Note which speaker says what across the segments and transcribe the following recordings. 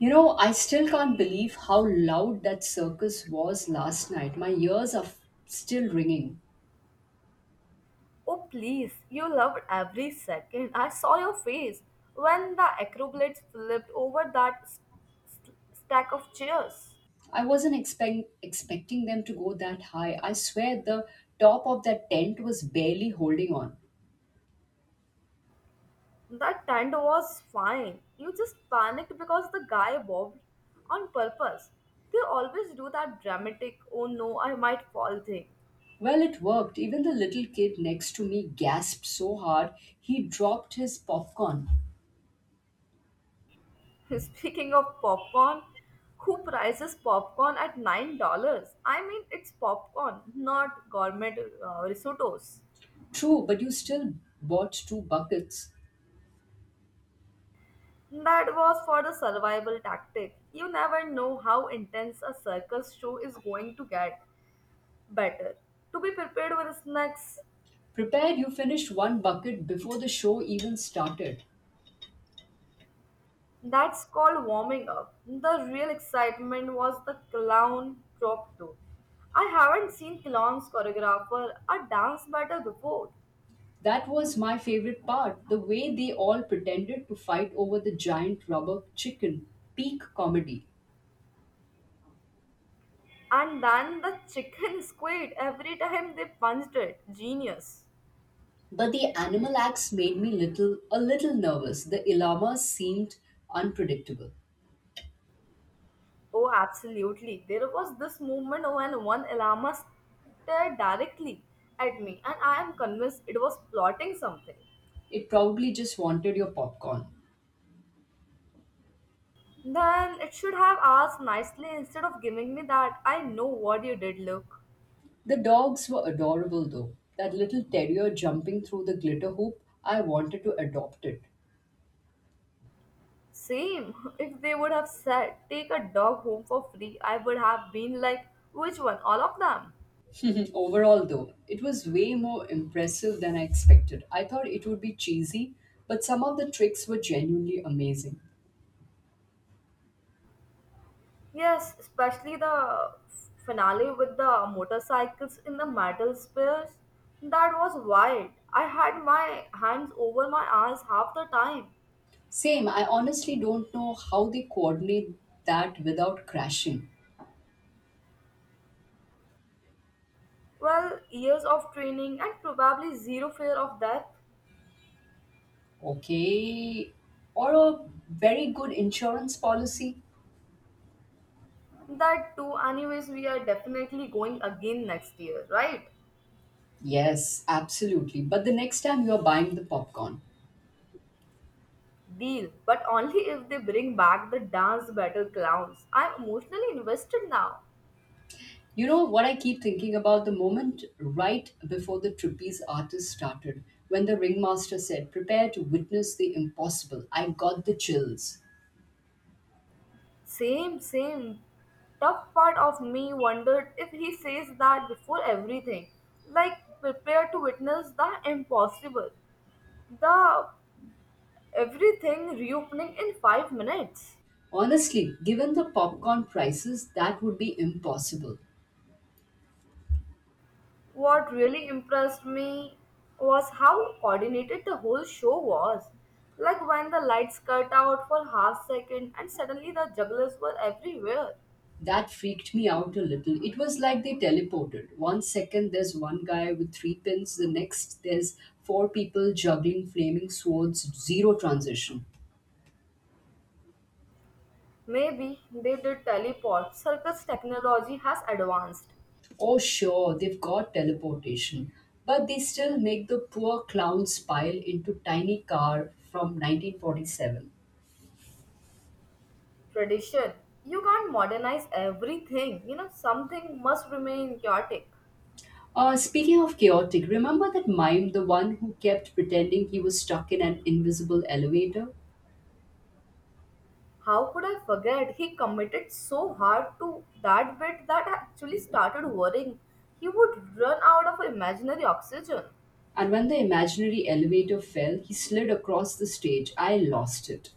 Speaker 1: You know, I still can't believe how loud that circus was last night. My ears are still ringing.
Speaker 2: Oh, please, you loved every second. I saw your face when the acrobats flipped over that stack of chairs.
Speaker 1: I wasn't expecting them to go that high. I swear the top of that tent was barely holding on.
Speaker 2: That tent was fine. You just panicked because the guy bobbed on purpose. They always do that dramatic, oh no, I might fall thing.
Speaker 1: Well, it worked. Even the little kid next to me gasped so hard he dropped his popcorn.
Speaker 2: Speaking of popcorn, who prices popcorn at $9? I mean, it's popcorn, not gourmet risottos.
Speaker 1: True, but you still bought two buckets.
Speaker 2: That was for the survival tactic. You never know how intense a circus show is going to get. Better to be prepared with snacks.
Speaker 1: Prepared, you finished one bucket before the show even started.
Speaker 2: That's called warming up. The real excitement was the clown drop though. I haven't seen clowns choreographer a dance battle before.
Speaker 1: That was my favorite part the way they all pretended to fight over the giant rubber chicken. Peak comedy.
Speaker 2: And then the chicken squid every time they punched it. Genius.
Speaker 1: But the animal acts made me little a little nervous. The llamas seemed unpredictable.
Speaker 2: Oh, absolutely. There was this movement when one llama stared directly at me, and I am convinced it was plotting something.
Speaker 1: It probably just wanted your popcorn.
Speaker 2: Then it should have asked nicely instead of giving me that I know what you did look.
Speaker 1: The dogs were adorable though. That little terrier jumping through the glitter hoop, I wanted to adopt it.
Speaker 2: Same. If they would have said, take a dog home for free, I would have been like, which one? All of them.
Speaker 1: Overall, though, it was way more impressive than I expected. I thought it would be cheesy, but some of the tricks were genuinely amazing.
Speaker 2: Yes, especially the finale with the motorcycles in the metal spheres. That was wild. I had my hands over my eyes half the time.
Speaker 1: Same. I honestly don't know how they coordinate that without crashing.
Speaker 2: Well, years of training and probably zero fear of death.
Speaker 1: Okay. Or a very good insurance policy.
Speaker 2: That too, anyways, we are definitely going again next year, right?
Speaker 1: Yes, absolutely. But the next time you're buying the popcorn,
Speaker 2: Deal, but only if they bring back the dance battle clowns. I'm emotionally invested now.
Speaker 1: you know what I keep thinking about? The moment right before the trapeze artist started, when the ringmaster said, "Prepare to witness the impossible." I got the chills.
Speaker 2: Same, same. Tough part of me wondered if he says that before everything. Like, prepare to witness the impossible. The everything reopening in 5 minutes.
Speaker 1: Honestly, given the popcorn prices, that would be impossible.
Speaker 2: What really impressed me was how coordinated the whole show was. Like when the lights cut out for half second and suddenly the jugglers were everywhere.
Speaker 1: That freaked me out a little. It was like they teleported. One second there's one guy with three pins, the next there's four people juggling flaming swords, zero transition.
Speaker 2: Maybe they did teleport. Circus technology has advanced.
Speaker 1: Oh, sure, they've got teleportation, but they still make the poor clowns pile into tiny car from 1947.
Speaker 2: Tradition. You can't modernize everything. You know, something must remain chaotic.
Speaker 1: Speaking of chaotic, remember that mime, the one who kept pretending he was stuck in an invisible elevator?
Speaker 2: How could I forget? He committed so hard to that bit that I actually started worrying. He would run out of imaginary oxygen.
Speaker 1: And when the imaginary elevator fell, he slid across the stage. I lost it.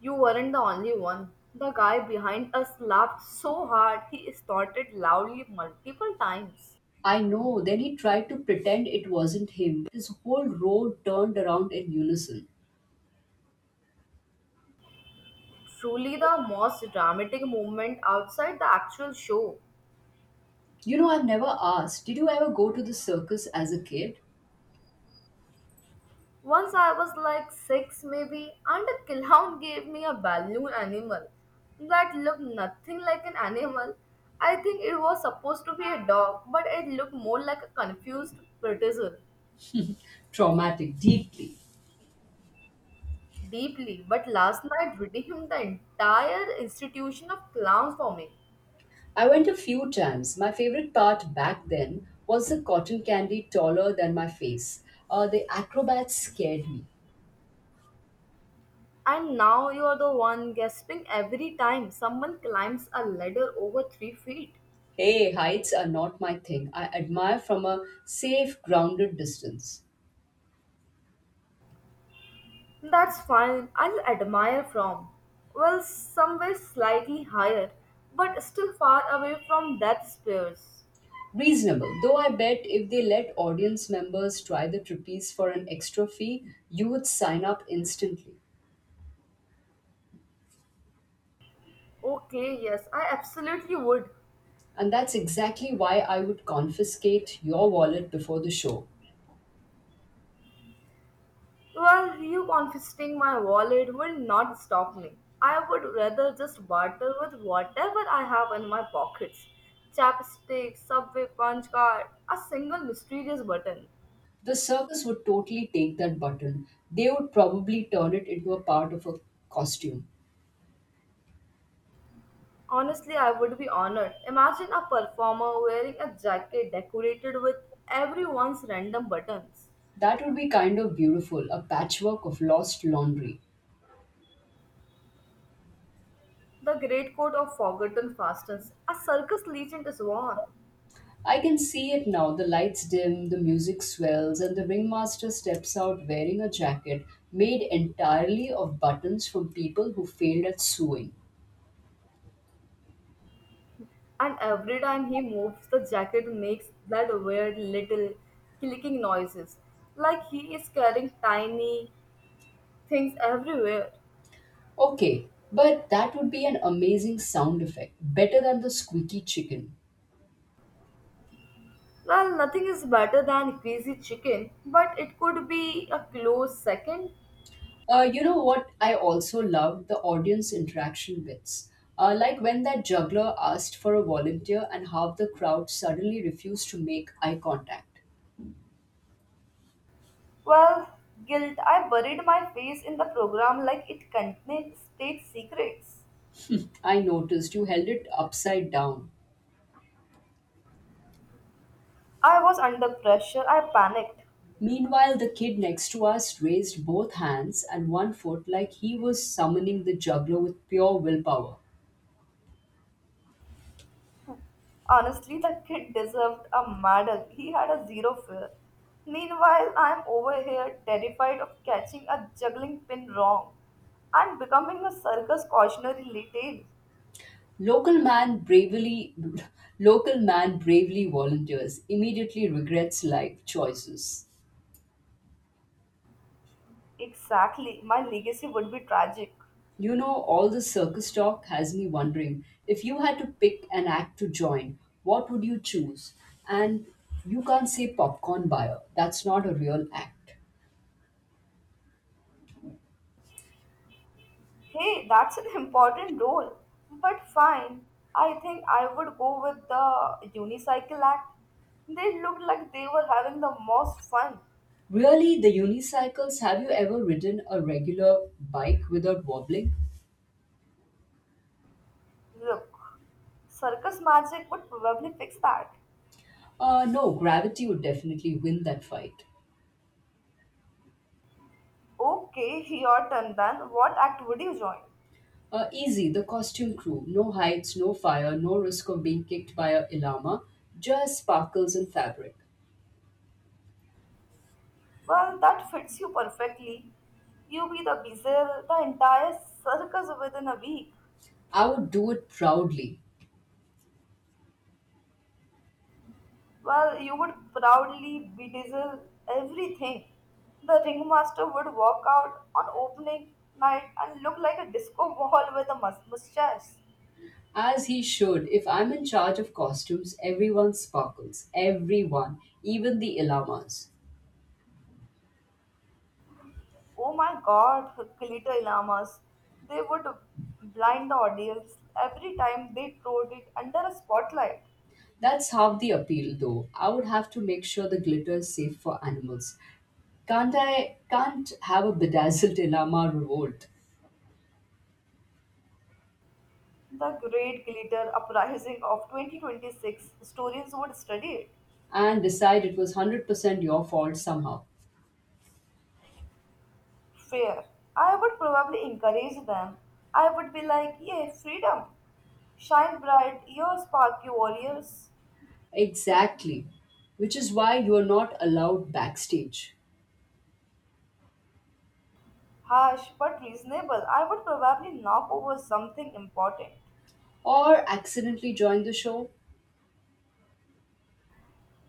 Speaker 2: You weren't the only one. The guy behind us laughed so hard he snorted loudly multiple times.
Speaker 1: I know. Then he tried to pretend it wasn't him. His whole row turned around in unison.
Speaker 2: Truly the most dramatic moment outside the actual show.
Speaker 1: You know, I've never asked, did you ever go to the circus as a kid?
Speaker 2: Once I was like six, maybe, and a clown gave me a balloon animal that looked nothing like an animal. I think it was supposed to be a dog, but it looked more like a confused pretzel.
Speaker 1: Traumatic, deeply.
Speaker 2: Deeply, but last night redeemed the entire institution of clowns for me.
Speaker 1: I went a few times. My favorite part back then was the cotton candy taller than my face. The acrobats scared me.
Speaker 2: And now you are the one gasping every time someone climbs a ladder over 3 feet.
Speaker 1: Hey, heights are not my thing. I admire from a safe, grounded distance.
Speaker 2: That's fine. I'll admire from. Well, somewhere slightly higher, but still far away from death spears.
Speaker 1: Reasonable, though I bet if they let audience members try the trapeze for an extra fee, you would sign up instantly.
Speaker 2: Okay, yes, I absolutely would.
Speaker 1: And that's exactly why I would confiscate your wallet before the show.
Speaker 2: Well, you confiscating my wallet will not stop me. I would rather just barter with whatever I have in my pockets. Chapstick, subway punch card, a single mysterious button.
Speaker 1: The circus would totally take that button. They would probably turn it into a part of a costume.
Speaker 2: Honestly, I would be honored. Imagine a performer wearing a jacket decorated with everyone's random buttons.
Speaker 1: That would be kind of beautiful, a patchwork of lost laundry.
Speaker 2: The great coat of forgotten fastens. A circus legend is worn.
Speaker 1: I can see it now. The lights dim, the music swells, and the ringmaster steps out wearing a jacket made entirely of buttons from people who failed at sewing.
Speaker 2: And every time he moves, the jacket makes that weird little clicking noises. Like he is carrying tiny things everywhere.
Speaker 1: Okay, but that would be an amazing sound effect, better than the squeaky chicken.
Speaker 2: Well, nothing is better than greasy chicken, but it could be a close second.
Speaker 1: You know what? I also loved the audience interaction bits. Like when that juggler asked for a volunteer and half the crowd suddenly refused to make eye contact.
Speaker 2: Well, guilt. I buried my face in the program like it contained state secrets.
Speaker 1: I noticed you held it upside down.
Speaker 2: I was under pressure. I panicked.
Speaker 1: Meanwhile, the kid next to us raised both hands and one foot like he was summoning the juggler with pure willpower.
Speaker 2: Honestly, the kid deserved a medal. He had a zero fear. Meanwhile, I'm over here terrified of catching a juggling pin wrong and becoming a circus cautionary tale.
Speaker 1: Local man bravely Local man bravely volunteers, immediately regrets life choices.
Speaker 2: Exactly, my legacy would be tragic.
Speaker 1: You know, all the circus talk has me wondering, if you had to pick an act to join, what would you choose? And you can't say popcorn buyer. That's not a real act.
Speaker 2: Hey, that's an important role. But fine, I think I would go with the unicycle act. They looked like they were having the most fun.
Speaker 1: Really, the unicycles? Have you ever ridden a regular bike without wobbling?
Speaker 2: Look, circus magic would probably fix that.
Speaker 1: No, gravity would definitely win that fight.
Speaker 2: Okay, your turn then. What act would you join?
Speaker 1: Easy, the costume crew. No heights, no fire, no risk of being kicked by a llama, just sparkles and fabric.
Speaker 2: Well, that fits you perfectly. You be the bezel, the entire circus within a week.
Speaker 1: I would do it proudly,
Speaker 2: Well, you would proudly bedizzle everything. The ringmaster would walk out on opening night and look like a disco ball with a mustache.
Speaker 1: as he should. If I'm in charge of costumes, everyone sparkles. Everyone, even the llamas.
Speaker 2: Oh my god, glitter llamas. They would blind the audience every time they trod it under a spotlight.
Speaker 1: That's half the appeal, though. I would have to make sure the glitter is safe for animals. Can't I can't have a bedazzled Ilama revolt
Speaker 2: The great glitter uprising of 2026, historians would study it.
Speaker 1: and decide it was 100% your fault somehow.
Speaker 2: Fair. I would probably encourage them. I would be like, yeah, freedom. Shine bright, your sparky warriors.
Speaker 1: Exactly. Which is why you are not allowed backstage.
Speaker 2: Harsh but reasonable. I would probably knock over something important.
Speaker 1: Or accidentally join the show.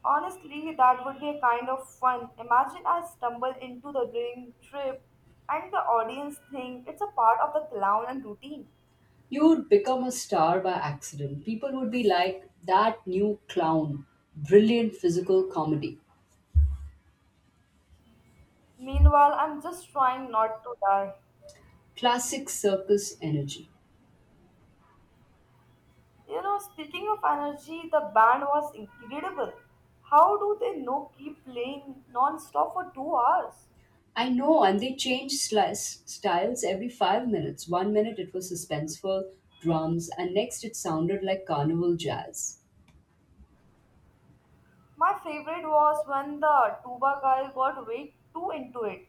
Speaker 2: Honestly, that would be a kind of fun. Imagine I stumble into the dream trip and the audience think it's a part of the clown and routine.
Speaker 1: You would become a star by accident. People would be like, that new clown. Brilliant physical comedy.
Speaker 2: Meanwhile, I'm just trying not to die.
Speaker 1: Classic circus energy.
Speaker 2: You know, speaking of energy, the band was incredible. How do they know keep playing non-stop for 2 hours?
Speaker 1: I know, and they change styles every 5 minutes. One minute it was suspenseful drums, and next it sounded like carnival jazz.
Speaker 2: My favorite was when the tuba guy got way too into it.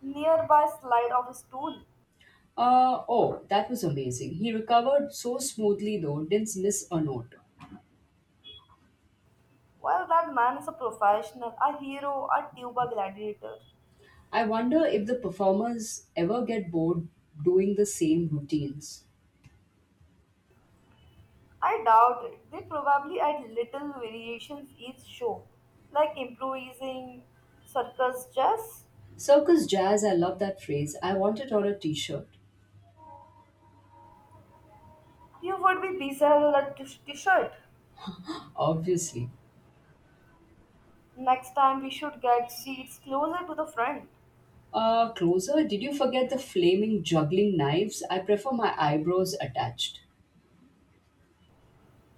Speaker 2: Nearby slide of his stool.
Speaker 1: Oh, that was amazing. He recovered so smoothly, though, didn't miss a note.
Speaker 2: Well, that man is a professional, a hero, a tuba gladiator.
Speaker 1: I wonder if the performers ever get bored doing the same routines.
Speaker 2: I doubt it. They probably add little variations each show, like improvising circus jazz.
Speaker 1: Circus jazz, I love that phrase. I want it on a t shirt.
Speaker 2: You would be beside a t-shirt.
Speaker 1: Obviously.
Speaker 2: Next time we should get seats closer to the front.
Speaker 1: Closer? Did you forget the flaming juggling knives? I prefer my eyebrows attached.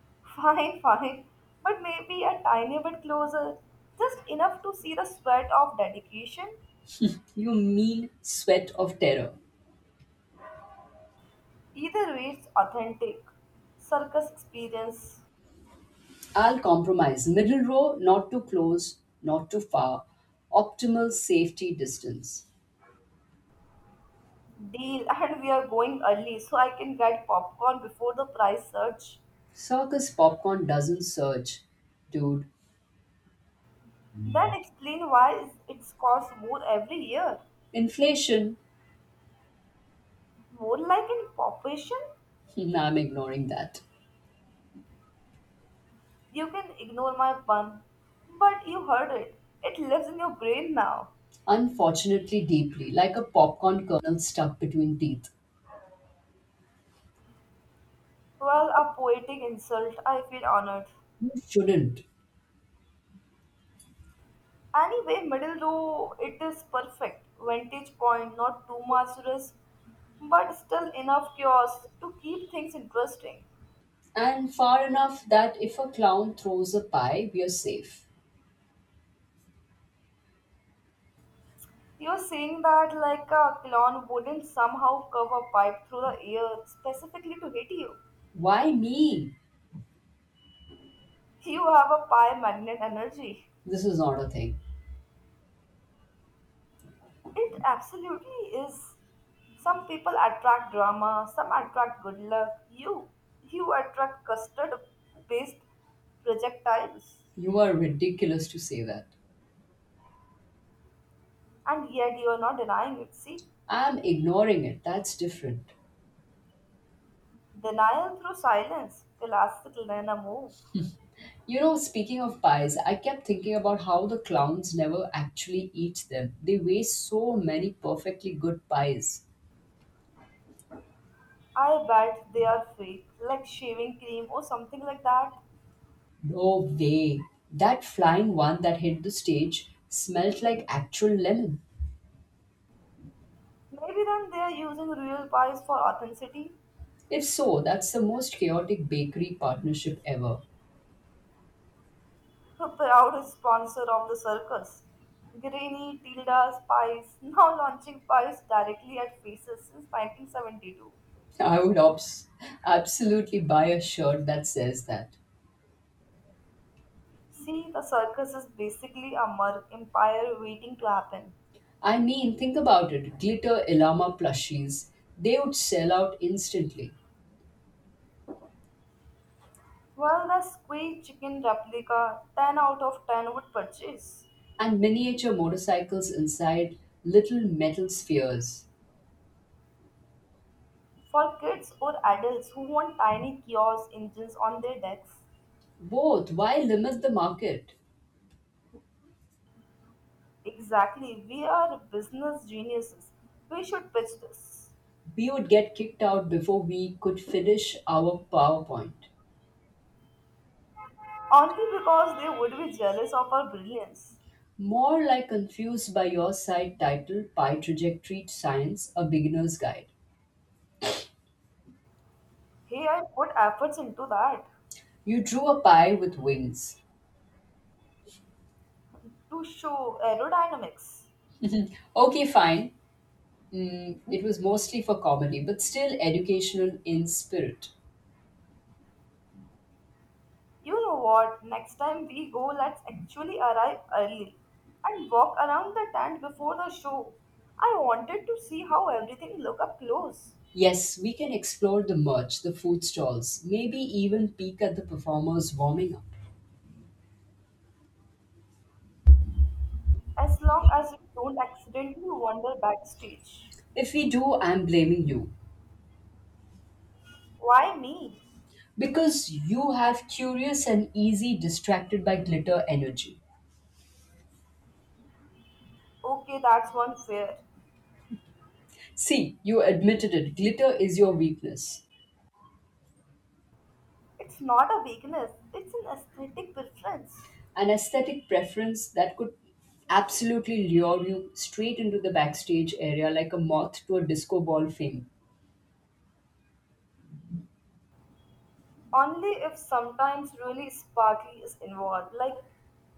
Speaker 2: Fine, fine. But maybe a tiny bit closer. Just enough to see the sweat of dedication.
Speaker 1: You mean sweat of terror.
Speaker 2: Either way, it's authentic. Circus experience.
Speaker 1: I'll compromise. Middle row, not too close, not too far. Optimal safety distance.
Speaker 2: Deal. And we are going early so I can get popcorn before the price surge.
Speaker 1: Circus popcorn doesn't surge, dude.
Speaker 2: Then explain it's cost more every year.
Speaker 1: Inflation?
Speaker 2: More like in population?
Speaker 1: I'm ignoring that.
Speaker 2: You can ignore my pun. But you heard it. It lives in your brain now.
Speaker 1: Unfortunately, deeply, like a popcorn kernel stuck between teeth.
Speaker 2: Well, a poetic insult. I feel honored.
Speaker 1: You shouldn't.
Speaker 2: Anyway, middle row, it is perfect. Vantage point, not too much risk, but still enough chaos to keep things interesting.
Speaker 1: And far enough that if a clown throws a pie, we are safe.
Speaker 2: You're saying that like a clown wouldn't somehow curve a pipe through the air specifically to hit you.
Speaker 1: Why me?
Speaker 2: You have a pie magnet energy.
Speaker 1: This is not a thing.
Speaker 2: It absolutely is. Some people attract drama, some attract good luck. You attract custard-based projectiles,
Speaker 1: You are ridiculous to say that.
Speaker 2: and yet you are not denying it. See,
Speaker 1: I'm ignoring it. That's different.
Speaker 2: denial through silence, classic Lena move.
Speaker 1: You know, speaking of pies, I kept thinking about how the clowns never actually eat them. They waste so many perfectly good pies.
Speaker 2: I bet they are fake, like shaving cream or something like that.
Speaker 1: No way. That flying one that hit the stage smelt like actual lemon.
Speaker 2: Maybe then they are using real pies for authenticity.
Speaker 1: If so, that's the most chaotic bakery partnership ever.
Speaker 2: A proud sponsor of the circus. Greeny, Tilda's Pies, now launching pies directly at faces since 1972.
Speaker 1: I would absolutely buy a shirt that says that.
Speaker 2: See, the circus is basically a mug empire waiting to happen.
Speaker 1: I mean, think about it, glitter Ilama plushies. They would sell out instantly.
Speaker 2: While the squeeze chicken replica 10 out of 10 would purchase.
Speaker 1: And miniature motorcycles inside little metal spheres.
Speaker 2: For kids or adults who want tiny kiosk engines on their decks.
Speaker 1: Both, why limit the market?
Speaker 2: Exactly, we are business geniuses. We should pitch this.
Speaker 1: We would get kicked out before we could finish our PowerPoint.
Speaker 2: Only because they would be jealous of our brilliance.
Speaker 1: More like confused by your side title, "Pie Trajectory Science, a Beginner's Guide."
Speaker 2: Hey, I put efforts into that
Speaker 1: You drew a pie with wings.
Speaker 2: to show aerodynamics.
Speaker 1: Okay, fine. It was mostly for comedy, but still educational in spirit.
Speaker 2: You know what? Next time we go, let's actually arrive early and walk around the tent before the show. I wanted to see how everything look up close.
Speaker 1: Yes, we can explore the merch, the food stalls, maybe even peek at the performers warming up.
Speaker 2: As long as we don't accidentally wander backstage.
Speaker 1: If we do, I'm blaming you.
Speaker 2: Why me?
Speaker 1: Because you have curious and easy distracted by glitter energy.
Speaker 2: Okay, that's one fair.
Speaker 1: See, you admitted it. Glitter is your weakness.
Speaker 2: It's not a weakness, it's an aesthetic preference.
Speaker 1: An aesthetic preference that could absolutely lure you straight into the backstage area like a moth to a disco ball fame.
Speaker 2: Only if sometimes really sparkly is involved, like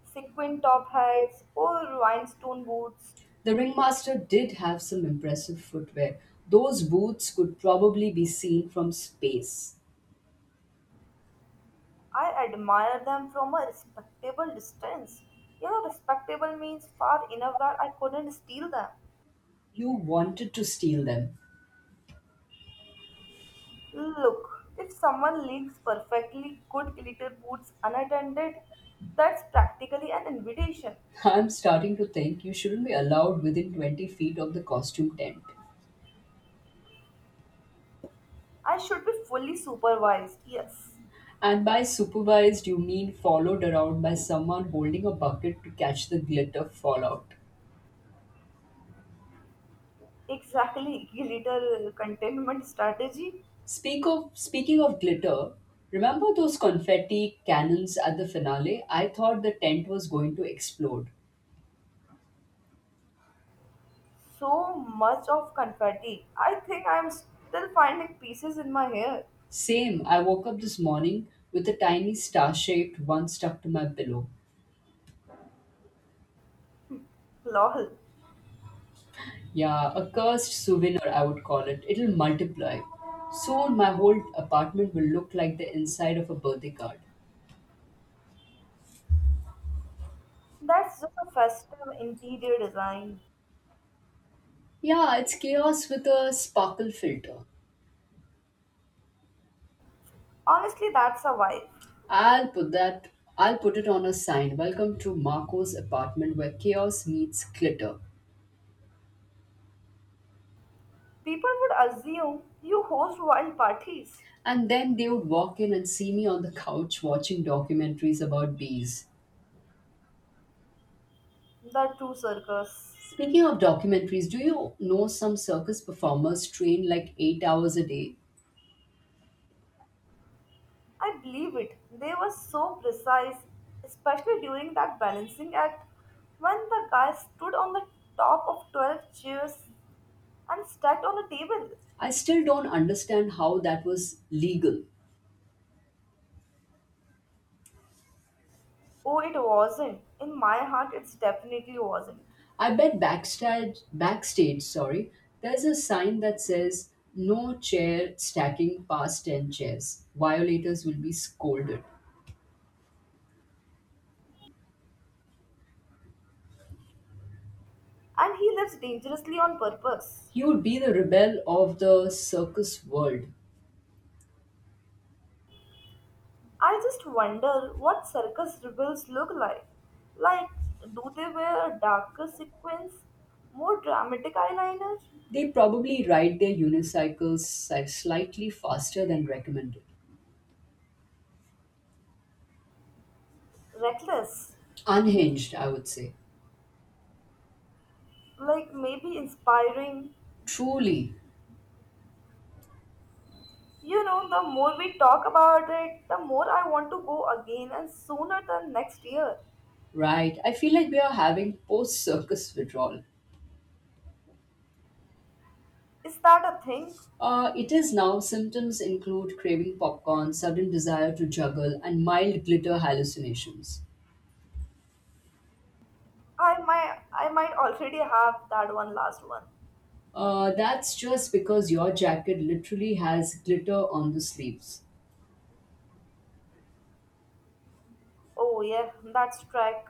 Speaker 2: sequin top hats or rhinestone boots.
Speaker 1: The ringmaster did have some impressive footwear. Those boots could probably be seen from space.
Speaker 2: I admire them from a respectable distance. You know, respectable means far enough that I couldn't steal them.
Speaker 1: You wanted to steal them.
Speaker 2: Look, if someone leaves perfectly good glitter boots unattended, that's practically an invitation.
Speaker 1: I'm starting to think you shouldn't be allowed within 20 feet of the costume tent.
Speaker 2: I should be fully supervised. Yes,
Speaker 1: And by supervised, you mean followed around by someone holding a bucket to catch the glitter fallout.
Speaker 2: exactly. Glitter containment strategy.
Speaker 1: Speaking of glitter, remember those confetti cannons at the finale? I thought the tent was going to explode.
Speaker 2: So much of confetti. I think I'm still finding pieces in my hair.
Speaker 1: Same, I woke up this morning with a tiny star shaped one stuck to my pillow.
Speaker 2: Lol,
Speaker 1: Yeah, a cursed souvenir, I would call it. It'll multiply. Soon, my whole apartment will look like the inside of a birthday card.
Speaker 2: that's just a festive interior design.
Speaker 1: Yeah, it's chaos with a sparkle filter.
Speaker 2: Honestly, that's a vibe.
Speaker 1: I'll put that. I'll put it on a sign. Welcome to Marco's apartment, where chaos meets glitter.
Speaker 2: People would assume you host wild parties.
Speaker 1: And then they would walk in and see me on the couch watching documentaries about bees.
Speaker 2: The true circus.
Speaker 1: Speaking of documentaries, do you know some circus performers train like 8 hours a day?
Speaker 2: I believe it. They were so precise, especially during that balancing act when the guy stood on the top of 12 chairs and stacked on a table.
Speaker 1: I still don't understand how that was legal.
Speaker 2: Oh, it wasn't. In my heart, it definitely wasn't.
Speaker 1: I bet backstage, sorry, there's a sign that says, "No chair stacking past 10 chairs. Violators will be scolded."
Speaker 2: And he lives dangerously on purpose.
Speaker 1: You would be the rebel of the circus world.
Speaker 2: I just wonder what circus rebels look like. Like, do they wear darker sequins, more dramatic eyeliner?
Speaker 1: They probably ride their unicycles slightly faster than recommended.
Speaker 2: Reckless,
Speaker 1: Unhinged, I would say.
Speaker 2: like maybe inspiring.
Speaker 1: Truly,
Speaker 2: You know, the more we talk about it, the more I want to go again and sooner than next year.
Speaker 1: right. I feel like we are having post circus withdrawal.
Speaker 2: Is that a thing?
Speaker 1: It is now. Symptoms include craving popcorn, sudden desire to juggle, and mild glitter hallucinations.
Speaker 2: I might already have that one last one.
Speaker 1: That's just because your jacket literally has glitter on the sleeves.
Speaker 2: Oh yeah, that's track.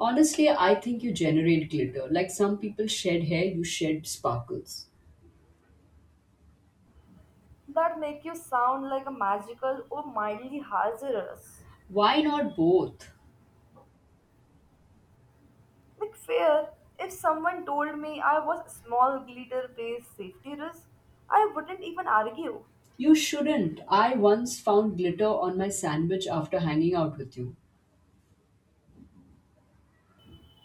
Speaker 1: Honestly, I think you generate glitter. Like some people shed hair, you shed sparkles.
Speaker 2: That make you sound like a magical or mildly hazardous.
Speaker 1: Why not both?
Speaker 2: Like fear, if someone told me I was a small glitter-based safety risk, I wouldn't even argue.
Speaker 1: You shouldn't. I once found glitter on my sandwich after hanging out with you.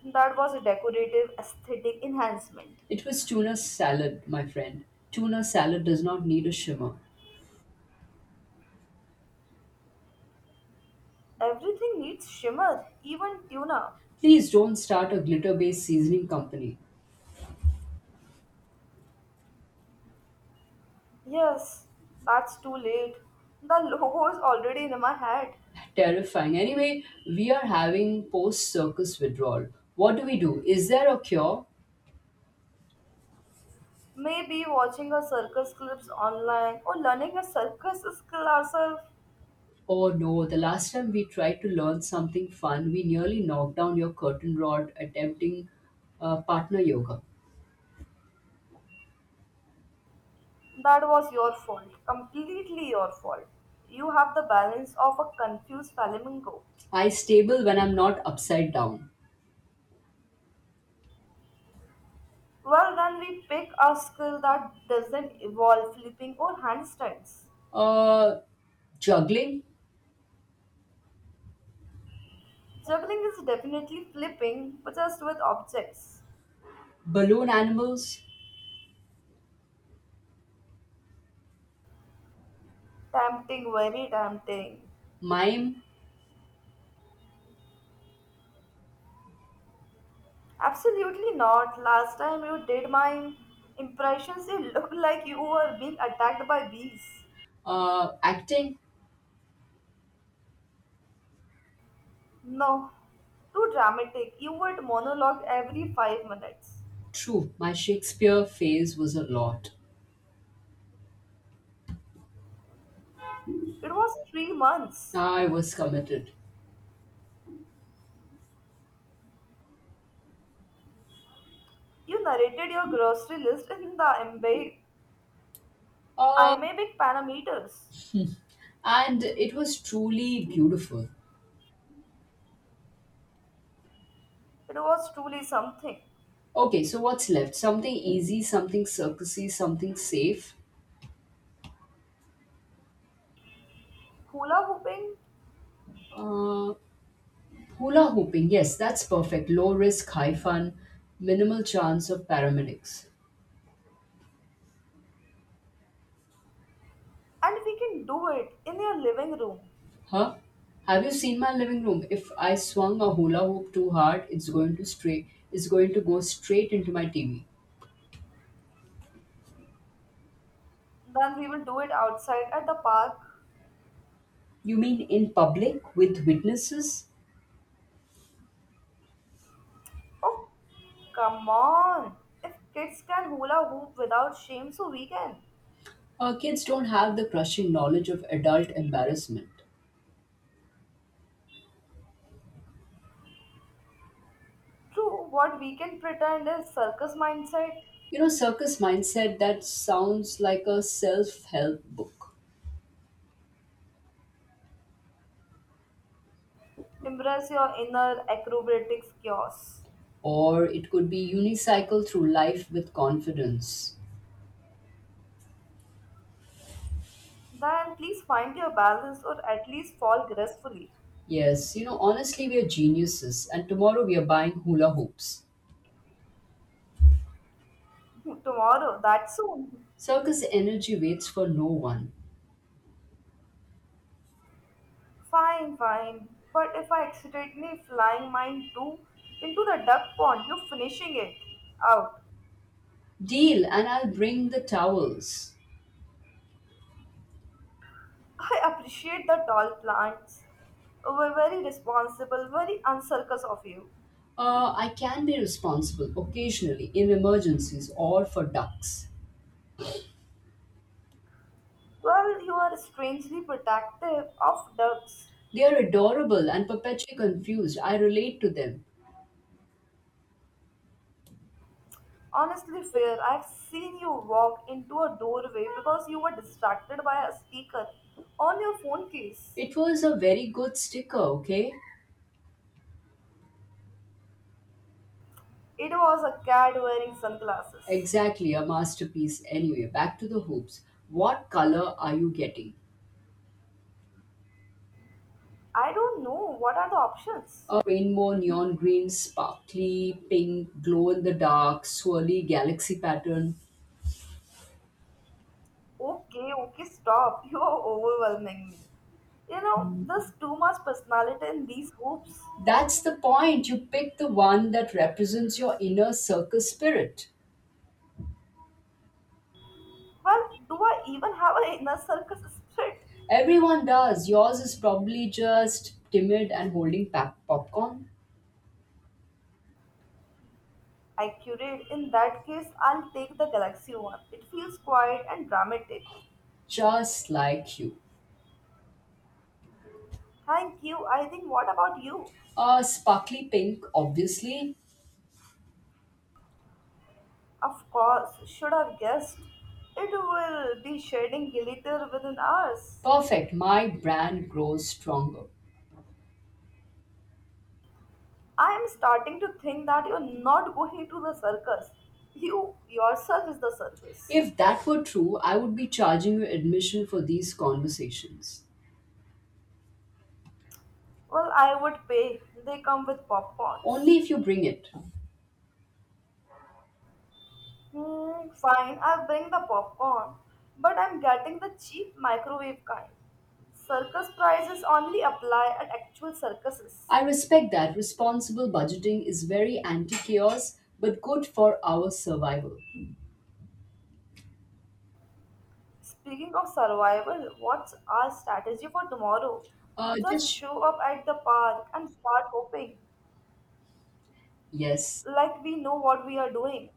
Speaker 2: That was a decorative aesthetic enhancement.
Speaker 1: It was tuna salad, my friend. Tuna salad does not need a shimmer.
Speaker 2: Everything needs shimmer, even tuna.
Speaker 1: Please don't start a glitter based seasoning company.
Speaker 2: Yes, that's too late. The logo is already in my head.
Speaker 1: Terrifying. Anyway, we are having post circus withdrawal. What do we do? Is there a cure?
Speaker 2: Maybe watching a circus clips online or learning a circus skill ourselves.
Speaker 1: Oh no, the last time we tried to learn something fun, we nearly knocked down your curtain rod attempting partner yoga.
Speaker 2: That was your fault, completely your fault. You have the balance of a confused flamingo.
Speaker 1: I stable when I'm not upside down.
Speaker 2: Well, then we pick a skill that doesn't involve flipping or handstands.
Speaker 1: Uh, Juggling,
Speaker 2: Juggling is definitely flipping, but just with objects.
Speaker 1: balloon animals,
Speaker 2: Tempting, very tempting.
Speaker 1: mime,
Speaker 2: Absolutely not. Last time you did my impressions, it looked like you were being attacked by bees.
Speaker 1: acting.
Speaker 2: No, too dramatic. You would monologue every 5 minutes.
Speaker 1: True, my Shakespeare phase was a lot.
Speaker 2: It was 3 months.
Speaker 1: I was committed.
Speaker 2: You narrated your grocery list in the
Speaker 1: Uh,
Speaker 2: iambic pentameters.
Speaker 1: and it was truly beautiful.
Speaker 2: It was truly something.
Speaker 1: Okay, so what's left? Something easy, something circusy, something safe.
Speaker 2: Hula hooping,
Speaker 1: Uh, Hula hooping, yes, that's perfect. Low risk, high fun, minimal chance of paramedics.
Speaker 2: and we can do it in your living room.
Speaker 1: Huh? Have you seen my living room? If I swung a hula hoop too hard, it's going to stray. it's going to go straight into my TV.
Speaker 2: Then we will do it outside at the park.
Speaker 1: You mean in public with witnesses?
Speaker 2: Oh, come on! If kids can hula hoop without shame, so we can.
Speaker 1: Our kids don't have the crushing knowledge of adult embarrassment.
Speaker 2: True, what we can pretend is circus mindset.
Speaker 1: You know, circus mindset, that sounds like a self help book,
Speaker 2: Embrace your inner acrobatics chaos.
Speaker 1: or it could be unicycle through life with confidence.
Speaker 2: Then please find your balance or at least fall gracefully.
Speaker 1: Yes, you know, honestly, we are geniuses, and tomorrow we are buying hula hoops.
Speaker 2: Tomorrow, that's soon.
Speaker 1: Circus energy waits for no one.
Speaker 2: Fine, fine. But if I accidentally flying mine too into the duck pond, you're finishing it out.
Speaker 1: Deal, and I'll bring the towels.
Speaker 2: I appreciate the tall plants. Were very responsible, very uncircus of you.
Speaker 1: I can be responsible occasionally in emergencies or for ducks.
Speaker 2: Well, you are strangely protective of ducks.
Speaker 1: They are adorable and perpetually confused. I relate to them.
Speaker 2: Honestly, fair, I've seen you walk into a doorway because you were distracted by a speaker on your phone case.
Speaker 1: It was a very good sticker, okay?
Speaker 2: It was a cat wearing sunglasses.
Speaker 1: Exactly, a masterpiece. Anyway, back to the hoops. What color are you getting?
Speaker 2: I don't know. What are the options?
Speaker 1: A rainbow, neon green, sparkly, pink, glow in the dark, swirly galaxy pattern.
Speaker 2: Okay, okay, stop. You are overwhelming me. You know, there's too much personality in these hoops.
Speaker 1: That's the point. You pick the one that represents your inner circus spirit.
Speaker 2: Well, do I even have an inner circus spirit?
Speaker 1: Everyone does. Yours is probably just timid and holding popcorn,
Speaker 2: Accurate. In that case, I'll take the galaxy one. It feels quiet and dramatic.
Speaker 1: just like you.
Speaker 2: Thank you. I think, what about you?
Speaker 1: A sparkly pink, obviously.
Speaker 2: Of course, should have guessed. It will be shading glitter within hours.
Speaker 1: Perfect. My brand grows stronger.
Speaker 2: I am starting to think that you're not going to the circus. You yourself is the circus.
Speaker 1: If that were true, I would be charging you admission for these conversations.
Speaker 2: Well, I would pay. They come with popcorns.
Speaker 1: Only if you bring it.
Speaker 2: Hmm, fine, I'll bring the popcorn. But I'm getting the cheap microwave kind. Circus prices only apply at actual circuses.
Speaker 1: I respect that, responsible budgeting is very anti chaos but good for our survival.
Speaker 2: Speaking of survival, what's our strategy for tomorrow?
Speaker 1: Uh,
Speaker 2: Just
Speaker 1: just
Speaker 2: show up at the park and start hoping,
Speaker 1: yes,
Speaker 2: like we know what we are doing.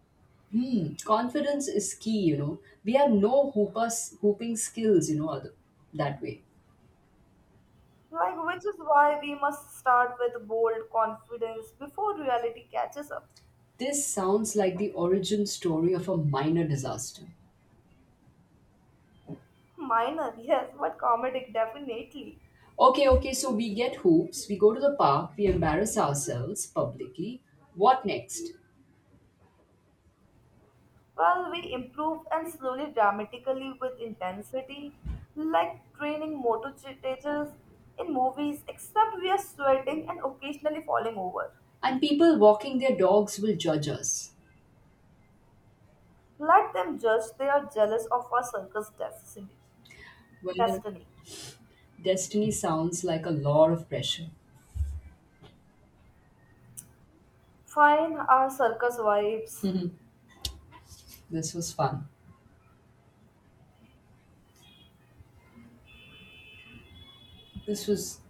Speaker 1: Hmm. Confidence is key, you know. We have no hooping skills, you know, other, that way.
Speaker 2: Like, which is why we must start with bold confidence before reality catches up.
Speaker 1: This sounds like the origin story of a minor disaster.
Speaker 2: Minor, yes, but comedic, definitely.
Speaker 1: Okay, okay, so we get hoops, we go to the park, we embarrass ourselves publicly. What next?
Speaker 2: Well, we improve and slowly, dramatically with intensity, like training motor teachers in movies, except we are sweating and occasionally falling over.
Speaker 1: And people walking their dogs will judge us.
Speaker 2: Let them judge they are jealous of our circus destiny.
Speaker 1: Well,
Speaker 2: Destiny.
Speaker 1: destiny sounds like a lot of pressure.
Speaker 2: Find our circus vibes.
Speaker 1: This was fun. This was